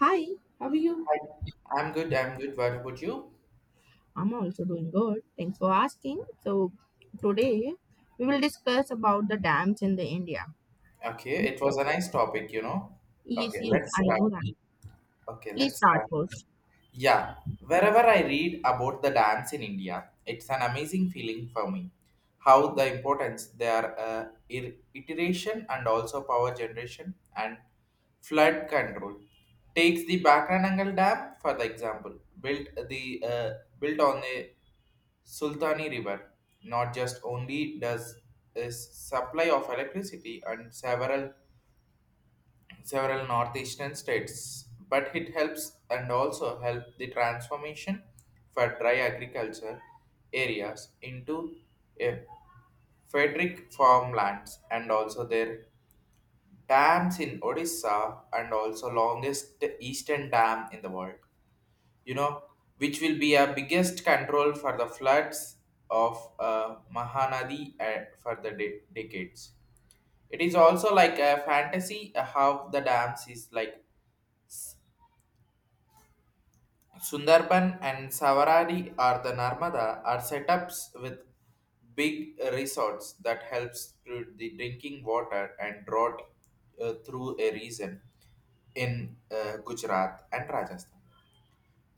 Hi, how are you? Hi. I'm good. I'm good. What about you? I'm also doing good. Thanks for asking. So today we will discuss about the dams in the India. Okay, it was Okay. a nice topic, you know. Yes, Okay, yes, let's I start. know that. Okay, Please let's start start. first. Yeah, wherever I read about the dance in India, it's an amazing feeling for me. How the importance their iteration and also power generation and flood control takes the Bakranangal Dam for the example built on a Sultani River. Not just only does is supply of electricity and several northeastern states, but it helps and also help the transformation for dry agriculture areas into a Frederick farmlands and also their dams in Odisha and also longest eastern dam in the world you know, which will be a biggest control for the floods of Mahanadi for the decades. It is also like a fantasy how the dams is like Sundarban and Savaradi or the Narmada are setups with big resorts that helps to the drinking water and drought through a reason in Gujarat and Rajasthan.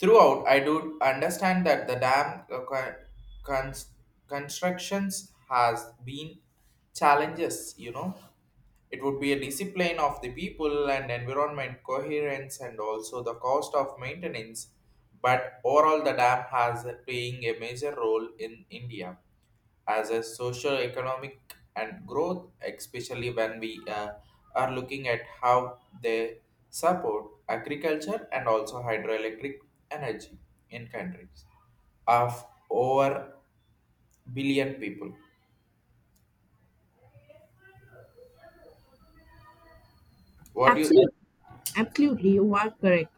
Throughout, I do understand that the dam cons- constructions has been challenges. It would be a discipline of the people and environment coherence and also the cost of maintenance. But overall, the dam has playing a major role in India as a social economic and growth, especially when we are looking at how they support agriculture and also hydroelectric energy in countries of over billion people. What do you Absolutely, absolutely, you are correct.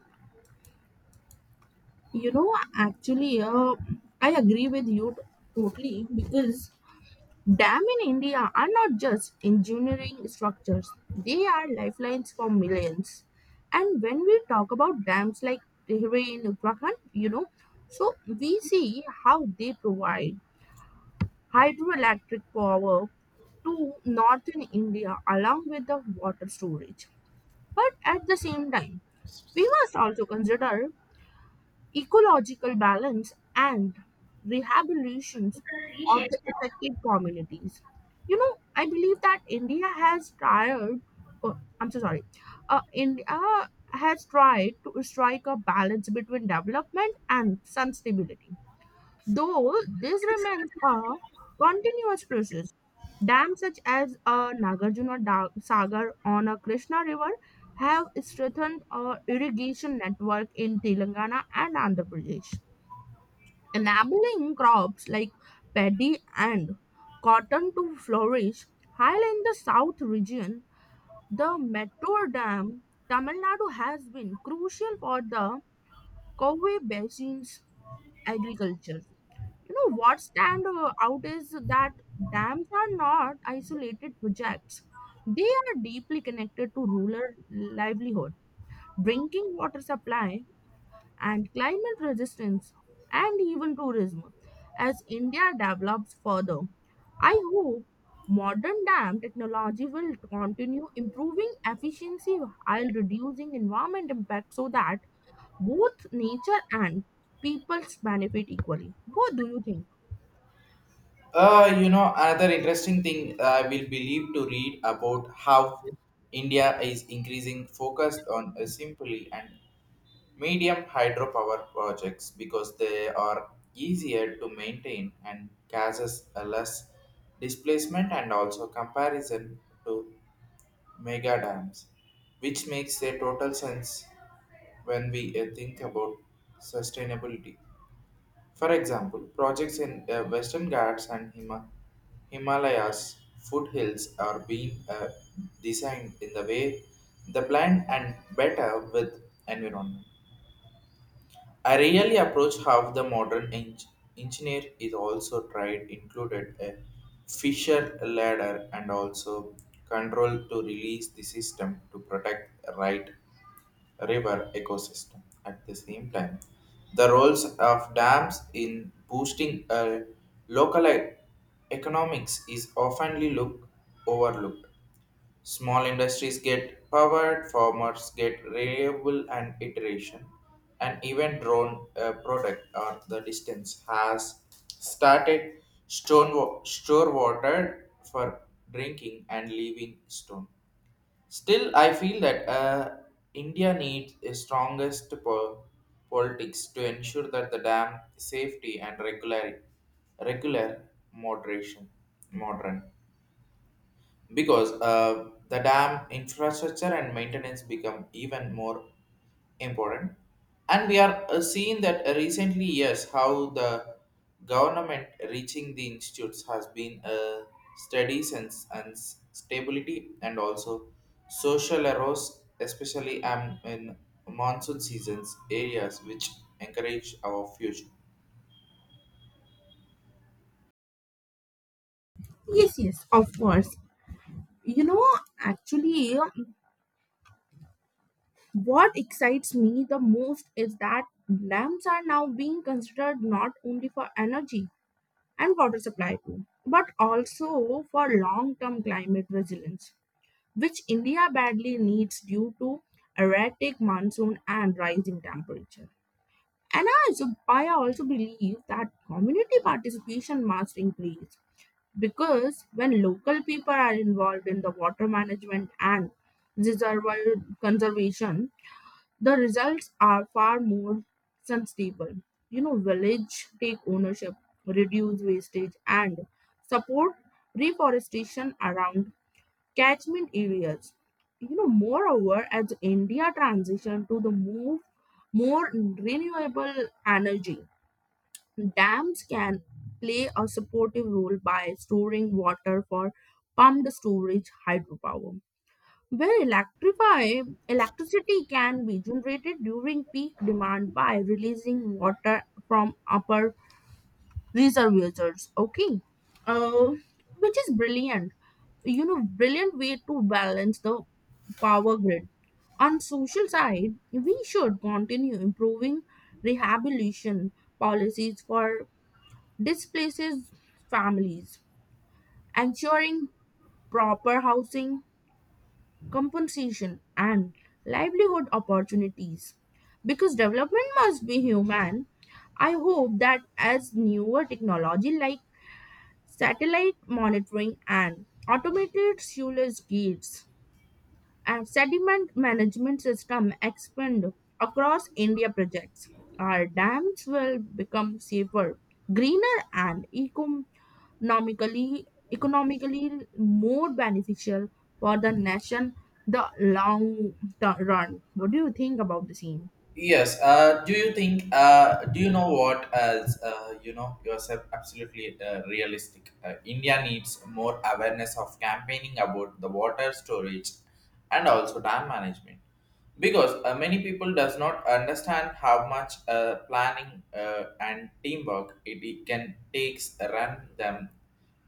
You know, actually, I agree with you totally because dams in India are not just engineering structures, they are lifelines for millions. And when we talk about dams like Tehri in Uttarakhand, you know, so we see how they provide hydroelectric power to northern India along with the water storage. But at the same time, we must also consider ecological balance and rehabilitations of the affected communities. You know, I believe that India has tried. Oh, I'm so sorry. India has tried to strike a balance between development and sustainability. Though this remains a continuous process, dams such as a Sagar on a Krishna River have strengthened a irrigation network in Telangana and Andhra Pradesh, enabling crops like paddy and cotton to flourish. While in the south region, the Mettur Dam, Tamil Nadu has been crucial for the Covey Basin's agriculture. You know what stand out is that dams are not isolated projects. They are deeply connected to rural livelihood, drinking water supply, and climate resistance, and even tourism. As India develops further, I hope modern dam technology will continue improving efficiency while reducing environment impact so that both nature and people's benefit equally. What do you think? Another interesting thing I will believe to read about how India is increasing focused on simply and medium hydropower projects, because they are easier to maintain and causes a less displacement and also comparison to mega dams, which makes a total sense when we think about sustainability. For example, projects in Western Ghats and Himalayas foothills are being designed in the way the blend and better with environment. I really approach how the modern engineer is also tried included a Fisher ladder and also control to release the system to protect right river ecosystem. At the same time, the roles of dams in boosting a local economics is oftenly look overlooked. Small industries get powered, farmers get reliable and iteration, and even drone product or the distance has started store water for drinking and leaving stone. Still, I feel that India needs a strongest politics to ensure that the dam safety and regular moderation modern, because the dam infrastructure and maintenance become even more important. And we are seeing that recently, yes, how the government reaching the institutes has been a steady sense and stability and also social arose, especially in monsoon seasons areas which encourage our future. Yes, of course. You know, actually, what excites me the most is that lamps are now being considered not only for energy and water supply too, but also for long term climate resilience, which India badly needs due to erratic monsoon and rising temperature. And I also believe that community participation must increase because when local people are involved in the water management and reservoir conservation, the results are far more sustainable. You know, village take ownership, reduce wastage, and support reforestation around catchment areas. You know, moreover, as India transition to the move more renewable energy, dams can play a supportive role by storing water for pumped storage hydropower. Where electrify electricity can be generated during peak demand by releasing water from upper visa users. Okay, uh, which is brilliant, you know, brilliant way to balance the power grid. On social side, we should continue improving rehabilitation policies for displaced families, ensuring proper housing, compensation, and livelihood opportunities, because development must be human. I hope that as newer technology like satellite monitoring and automated sewage gates and sediment management system expand across India projects. Our dams will become safer, greener and economically more beneficial for the nation the run. What do you think about the same? Yes. Do you think? Do you know what? As you know yourself, absolutely realistic. India needs more awareness of campaigning about the water storage and also dam management, because many people does not understand how much planning and teamwork it can takes run them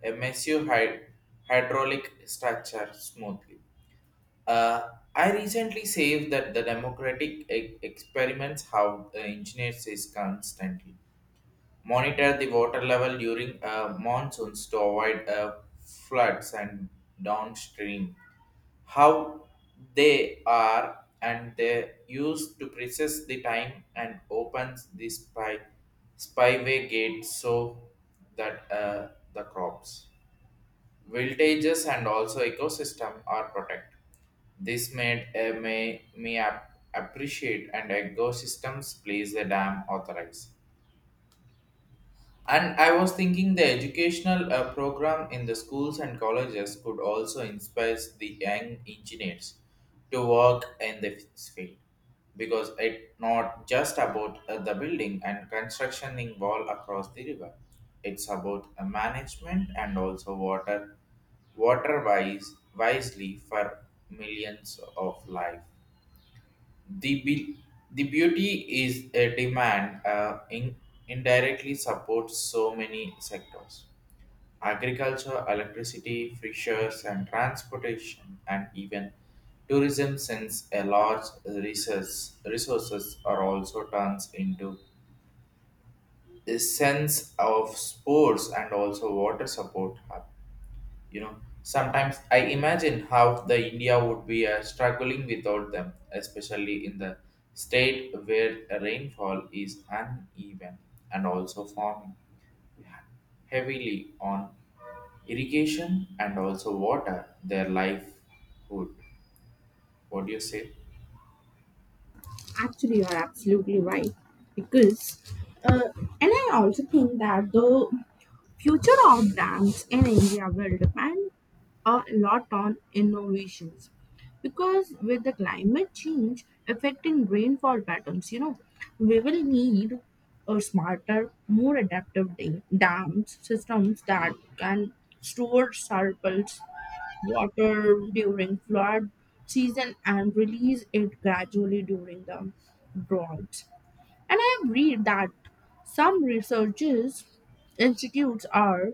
a massive hydraulic structure smoothly. Uh, I recently saved that the democratic experiments how the engineers is constantly monitor the water level during monsoons to avoid floods and downstream. How they are and they used to process the time and opens the spyway gate so that the crops. Voltages and also ecosystem are protected. This made me appreciate and ecosystems plays the dam authorized. And I was thinking the educational program in the schools and colleges could also inspire the young engineers to work in this field, because it's not just about the building and construction in wall across the river. It's about management and also water wisely for millions of life. The, be- the beauty is a demand indirectly supports so many sectors. Agriculture, electricity, fishers, and transportation, and even tourism, since a large resources are also turns into a sense of sports and also water support hub. You know, sometimes I imagine how the India would be struggling without them, especially in the state where rainfall is uneven and also farming heavily on irrigation and also water their livelihood. What do you say? Actually, you are absolutely right because uh, and I also think that the future of brands in India will depend a lot on innovations because with the climate change affecting rainfall patterns, you know, we will need a smarter, more adaptive dams systems that can store surplus water during flood season and release it gradually during the droughts. And I have read that some researchers institutes are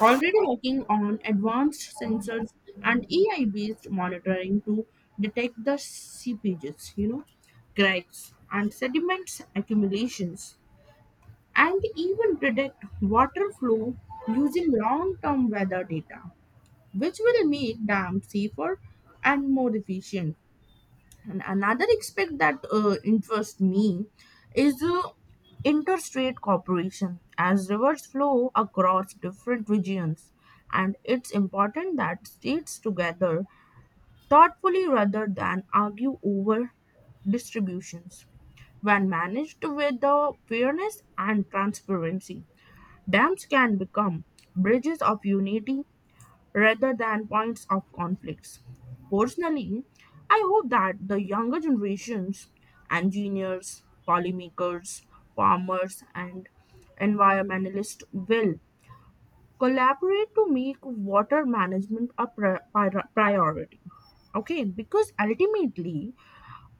already working on advanced sensors and AI based monitoring to detect the seepages, you know, cracks and sediments accumulations and even predict water flow using long term weather data, which will make dams safer and more efficient. And another aspect that interests me is interstate cooperation as rivers flow across different regions and it's important that states together thoughtfully rather than argue over distributions. When managed with the fairness and transparency, dams can become bridges of unity rather than points of conflicts. Personally, I hope that the younger generations, engineers, policymakers, farmers, and environmentalists will collaborate to make water management a priority. Okay, because ultimately,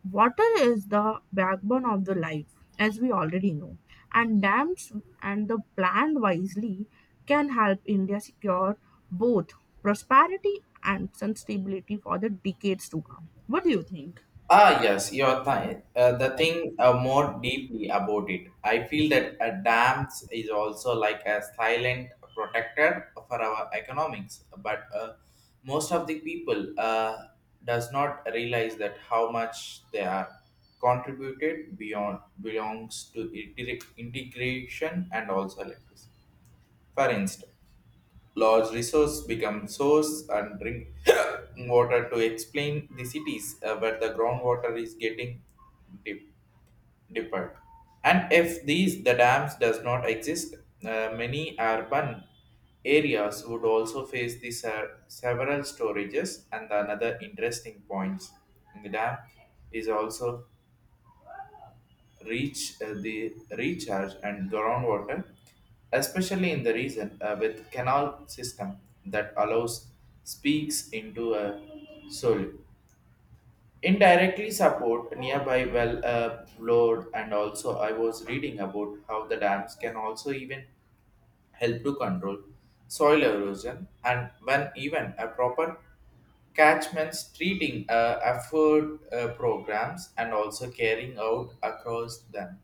water is the backbone of the life, as we already know, and dams and the planned wisely can help India secure both prosperity and sustainability for the decades to come. What do you think? Ah, yes, you're the thing more deeply about it. I feel that a dams is also like a silent protector for our economics, but most of the people does not realize that how much they are contributed beyond belongs to integration and also electricity. For instance, large resource become source and drink water to explain the cities where the groundwater is getting dip- deeper. And if the dams does not exist, many urban areas would also face these several storages and another interesting points. In the dam is also reach the recharge and groundwater, especially in the region with canal system that allows speaks into a soil. Indirectly support nearby well load, and also I was reading about how the dams can also even help to control soil erosion, and when even a proper catchments treating effort programs and also carrying out across them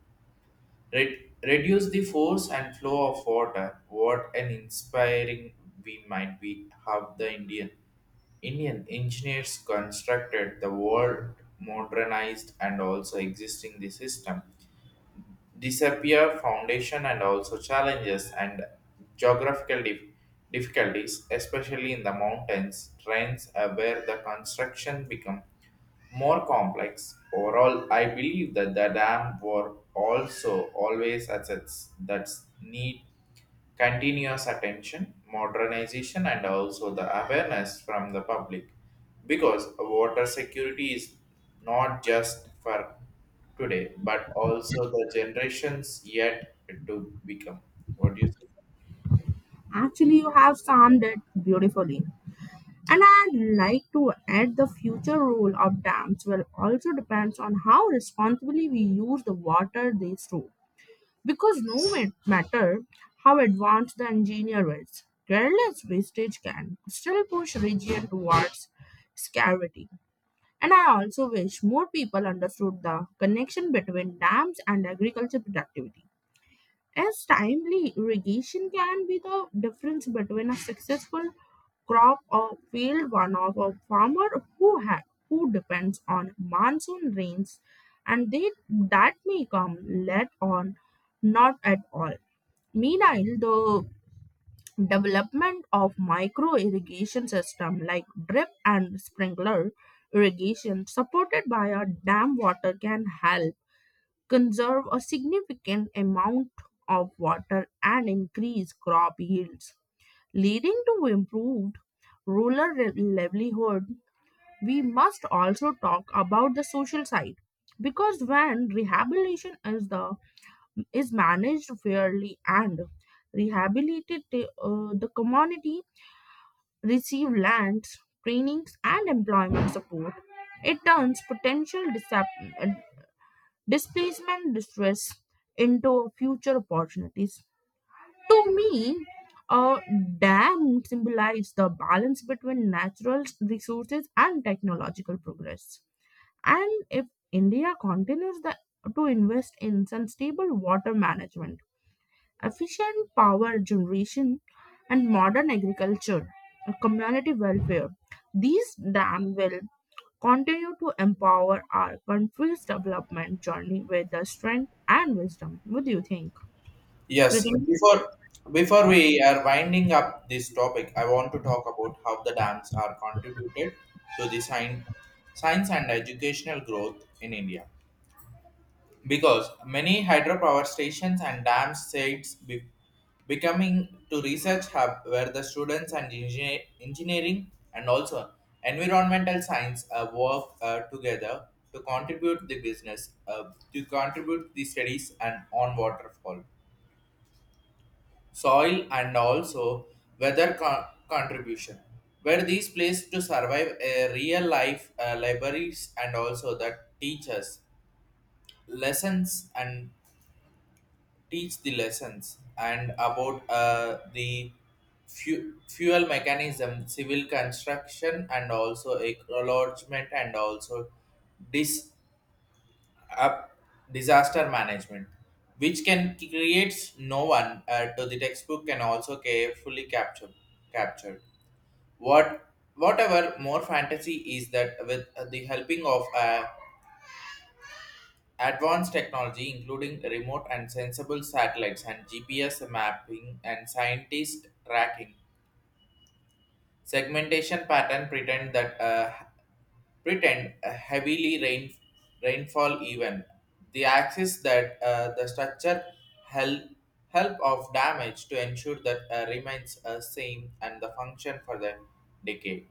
Reduce the force and flow of water. What an inspiring we might be have the Indian engineers constructed the world modernized and also existing the system disappear foundation and also challenges and geographical difficulties, especially in the mountains trains where the construction become more complex. Overall, I believe that the dam were also always assets that need continuous attention, modernization, and also the awareness from the public. Because water security is not just for today, but also the generations yet to become. What do you say? Actually, you have summed it beautifully. And I'd like to add the future role of dams will also depends on how responsibly we use the water they store. Because no ma- matter how advanced the engineer is, careless wastage can still push region towards scarcity. And I also wish more people understood the connection between dams and agriculture productivity. As timely irrigation can be the difference between a successful crop or failed one of a farmer who depends on monsoon rains and they that may come late on not at all. Meanwhile, the development of micro irrigation system like drip and sprinkler irrigation supported by a dam water can help conserve a significant amount of water and increase crop yields, leading to improved livelihood. We must also talk about the social side because when rehabilitation is the is managed fairly and rehabilitated, the community receive lands, trainings and employment support. It turns potential displacement distress into future opportunities. To me, a dam symbolizes the balance between natural resources and technological progress. And if India continues to invest in sustainable water management, efficient power generation, and modern agriculture, and community welfare. These dams will continue to empower our country's development journey with the strength and wisdom. What do you think? You Yes, think? before we are winding up this topic, I want to talk about how the dams are contributed to the science and educational growth in India, because many hydropower stations and dam sites becoming to research hub where the students and engineering and also environmental science work together to contribute the business uh, to contribute the studies and on waterfall soil and also weather contribution, where these place to survive a real life libraries and also that teachers lessons and teach the lessons and about the fuel mechanism, civil construction, and also acknowledgement and also dis- up disaster management, which can creates no one to the textbook can also carefully captured. What whatever more fantasy is that with the helping of a advanced technology, including remote and sensible satellites and GPS mapping and scientist tracking, segmentation pattern pretend that pretend a heavily rainfall event. The axis that the structure help help of damage to ensure that remains same and the function for the decade.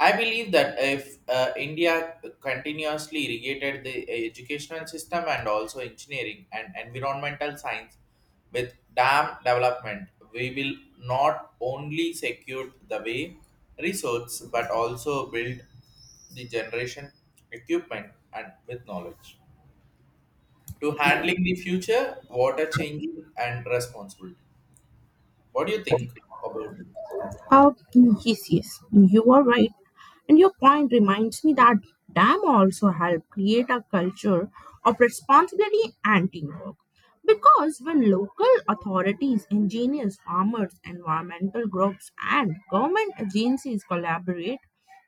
I believe that if India continuously irrigated the educational system and also engineering and environmental science with dam development, we will not only secure the way resource but also build the generation equipment and with knowledge to handling the future water changing and responsibility. What do you think about this? Oh, yes, you are right. And your point reminds me that dam also help create a culture of responsibility and teamwork. Because when local authorities, engineers, farmers, environmental groups, and government agencies collaborate,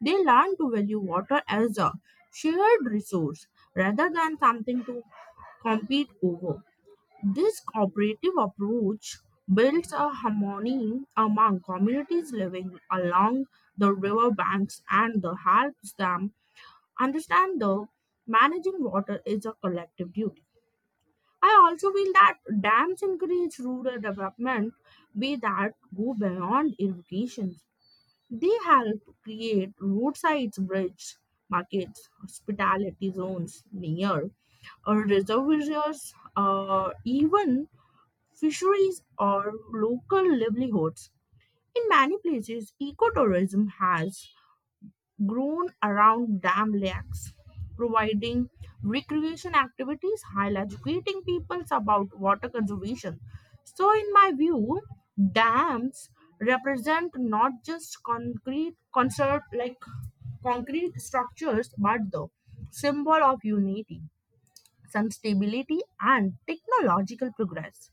they learn to value water as a shared resource rather than something to compete over. This cooperative approach builds a harmony among communities living along the riverbanks and the helps them understand the managing water is a collective duty. I also feel that dams encourage rural development be that go beyond irrigation. They help create roadside bridges, markets, hospitality zones near reservoirs, even fisheries are local livelihoods. In many places, ecotourism has grown around dam lakes, providing recreation activities while educating people about water conservation. So, in my view, dams represent not just concrete concert like concrete structures, but the symbol of unity, sustainability, and technological progress.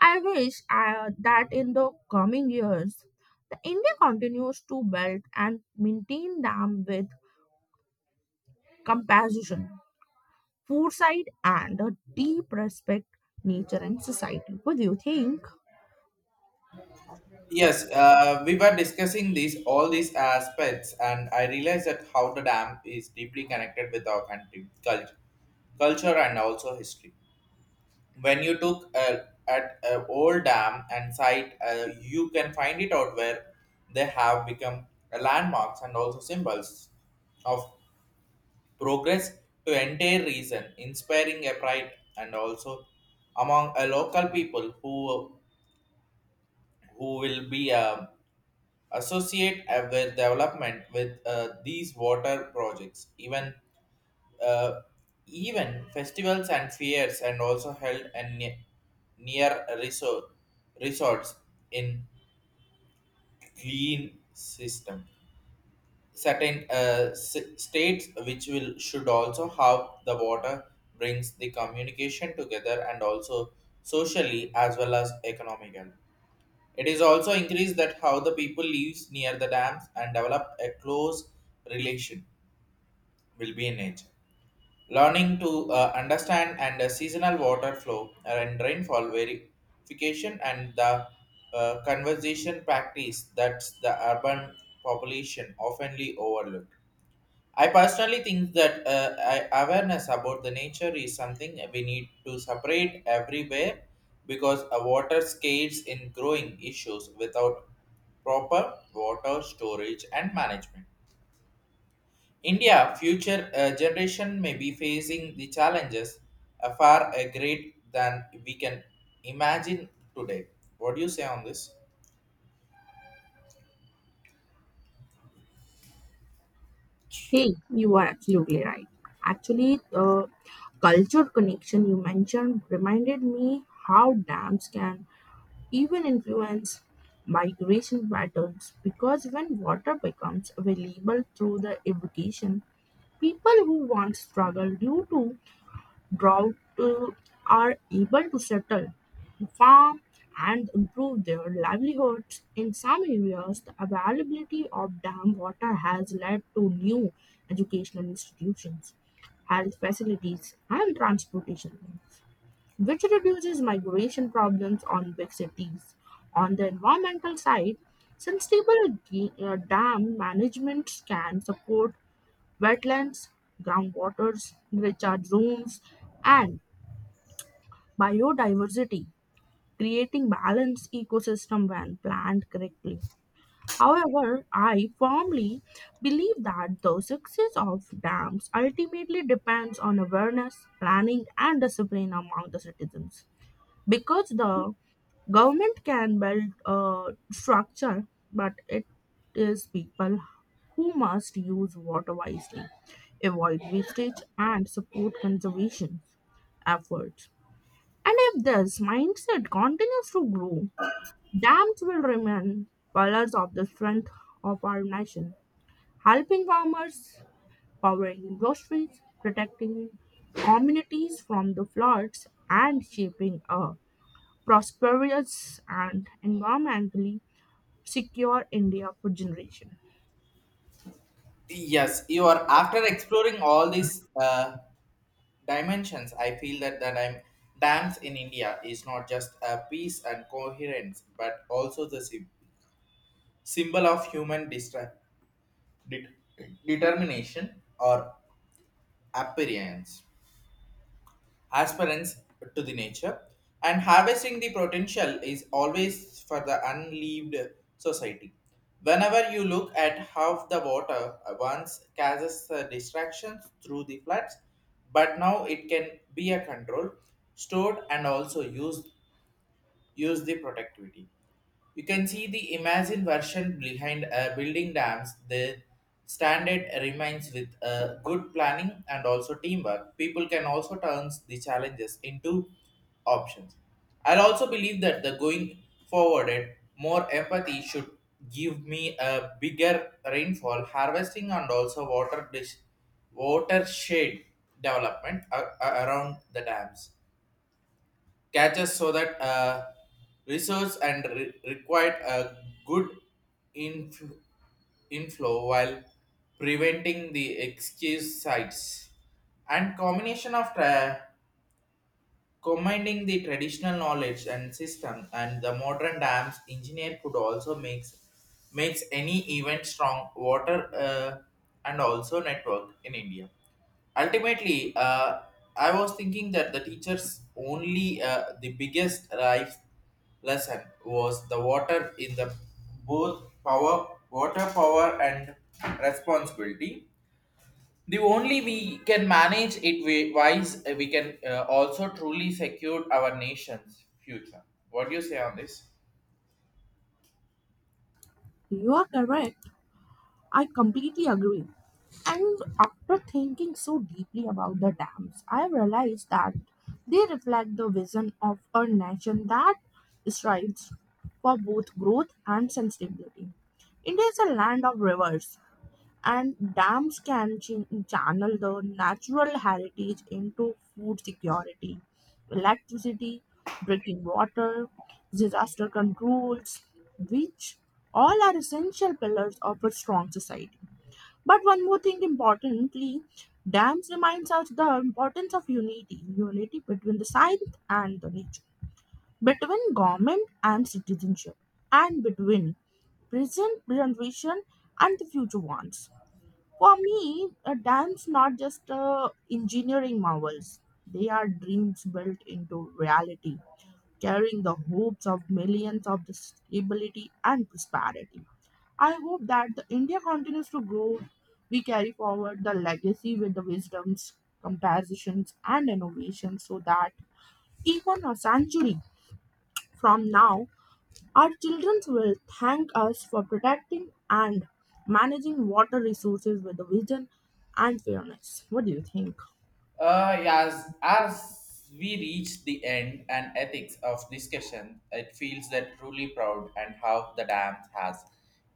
I wish that in the coming years, the India continues to build and maintain them with compassion, foresight, and a deep respect nature and society. What do you think? Yes, we were discussing these all these aspects, and I realized that how the dam is deeply connected with our country culture, and also history. When you took at an old dam and site, you can find it out where they have become landmarks and also symbols of progress to entire region, inspiring a pride and also among a local people who will be. Associate with development with these water projects, uh, even festivals and fairs and also held and near resorts in clean system, certain states which will should also have the water brings the communication together and also socially as well as economically. It is also increased that how the people lives near the dams and develop a close relation will be in nature. Learning to understand and the seasonal water flow and rainfall verification and the conservation practice that the urban population oftenly overlook. I personally think that awareness about the nature is something we need to separate everywhere, because a water scales in growing issues without proper water storage and management. India future generation may be facing the challenges far great than we can imagine today. What do you say on this? Hey, you are absolutely right. Actually, the culture connection you mentioned reminded me how dams can even influence migration patterns because when water becomes available through the irrigation. People who once struggled due to drought are able to settle, farm, and improve their livelihoods. In some areas, the availability of dam water has led to new educational institutions, health facilities, and transportation, which reduces migration problems on big cities. On the environmental side, sustainable dam management can support wetlands, groundwaters, recharge zones, and biodiversity, creating balanced ecosystem when planned correctly. However, I firmly believe that the success of dams ultimately depends on awareness, planning, and discipline among the citizens. Because the government can build a structure, but it is people who must use water wisely, avoid wastage, and support conservation efforts. And if this mindset continues to grow, dams will remain pillars of the strength of our nation, helping farmers, powering industries, protecting communities from the floods, and shaping a prosperous and environmentally secure India for generation. Yes, you are, after exploring all these dimensions, I feel that the dance in India is not just a peace and coherence, but also the symbol of human det- determination or appearance. Aspirants to the nature and harvesting the potential is always for the unleaved society. Whenever you look at how the water once causes distractions through the floods, but now it can be a control stored and also use the productivity, you can see the imagine version behind building dams. The standard remains with good planning and also teamwork. People can also turn the challenges into options. I also believe that the going forwarded, more empathy should give me a bigger rainfall harvesting and also watershed development around the dams catches, so that resource and required a good infl- inflow while preventing the excuse sites. And combining the traditional knowledge and system and the modern dams engineer could also makes any event strong water and also network in India. Ultimately, I was thinking that the teachers only the biggest life lesson was the water in the both power water power and responsibility. The only we can manage it wise, we can also truly secure our nation's future. What do you say on this? You are correct. I completely agree. And after thinking so deeply about the dams, I realized that they reflect the vision of a nation that strives for both growth and sustainability. India is a land of rivers, and dams can channel the natural heritage into food security, electricity, drinking water, disaster controls, which all are essential pillars of a strong society. But one more thing importantly, dams reminds us the importance of unity, unity between the science and the nature, between government and citizenship, and between present generation and the future ones. For me, a dance not just engineering marvels. They are dreams built into reality, carrying the hopes of millions of the stability and prosperity. I hope that the India continues to grow. We carry forward the legacy with the wisdoms, compositions, and innovations so that even a century from now, our children will thank us for protecting and managing water resources with the vision and fairness. What do you think? Yes, as we reach the end and ethics of discussion, it feels that truly proud and how the dam has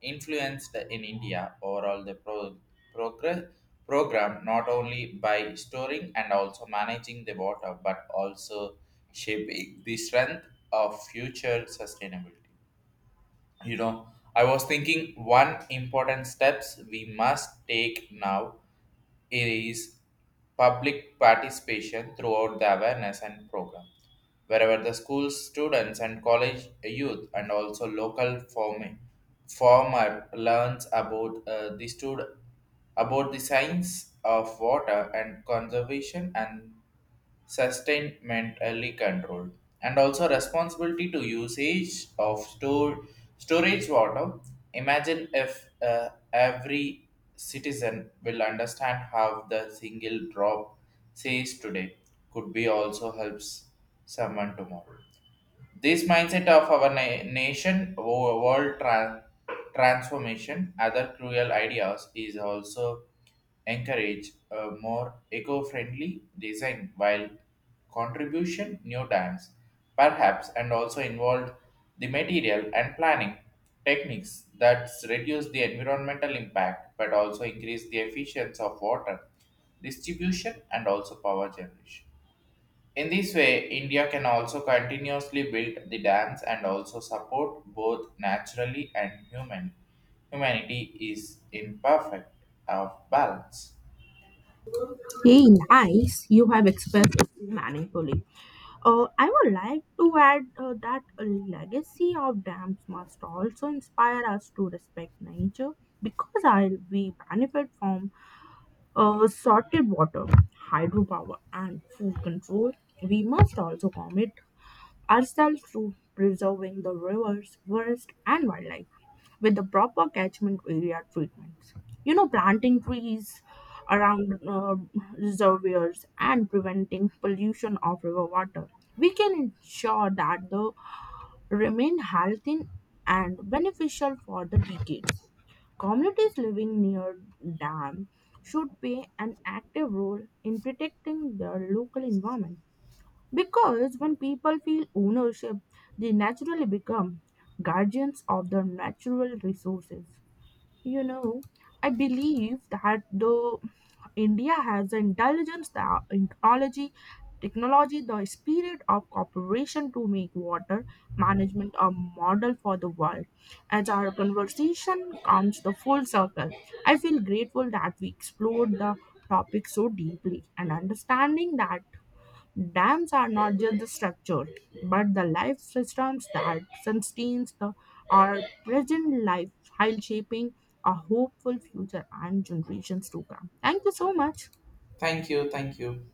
influenced in India overall the progress program, not only by storing and also managing the water but also shaping the strength of future sustainability. you know I was thinking one important steps we must take now is public participation throughout the awareness and program, wherever the school students and college youth and also local forming farmer learns about about the science of water and conservation and sustainmentally controlled and also responsibility to usage of stored storage water. Imagine if every citizen will understand how the single drop says today could be also helps someone tomorrow. This mindset of our nation, world transformation, other cruel ideas is also encourage a more eco-friendly design, while contribution new times perhaps and also involved the material and planning techniques that reduce the environmental impact but also increase the efficiency of water distribution and also power generation. In this way, India can also continuously build the dams and also support both naturally and human. Humanity is imperfect of balance. Hey, nice. You have expressed it meaningfully. I would like to add that a legacy of dams must also inspire us to respect nature because I, we benefit from sorted water, hydropower, and food control. We must also commit ourselves through preserving the rivers, forests, and wildlife with the proper catchment area treatments. You know, planting trees around reservoirs and preventing pollution of river water. We can ensure that they remain healthy and beneficial for the decades. Communities living near dam should play an active role in protecting their local environment because when people feel ownership, they naturally become guardians of their natural resources. You know, I believe that though India has the intelligence, technology, the spirit of cooperation to make water management a model for the world. As our conversation comes the full circle, I feel grateful that we explored the topic so deeply and understanding that dams are not just the structure, but the life systems that sustains the our present life while shaping a hopeful future and generations to come. Thank you so much. Thank you, thank you.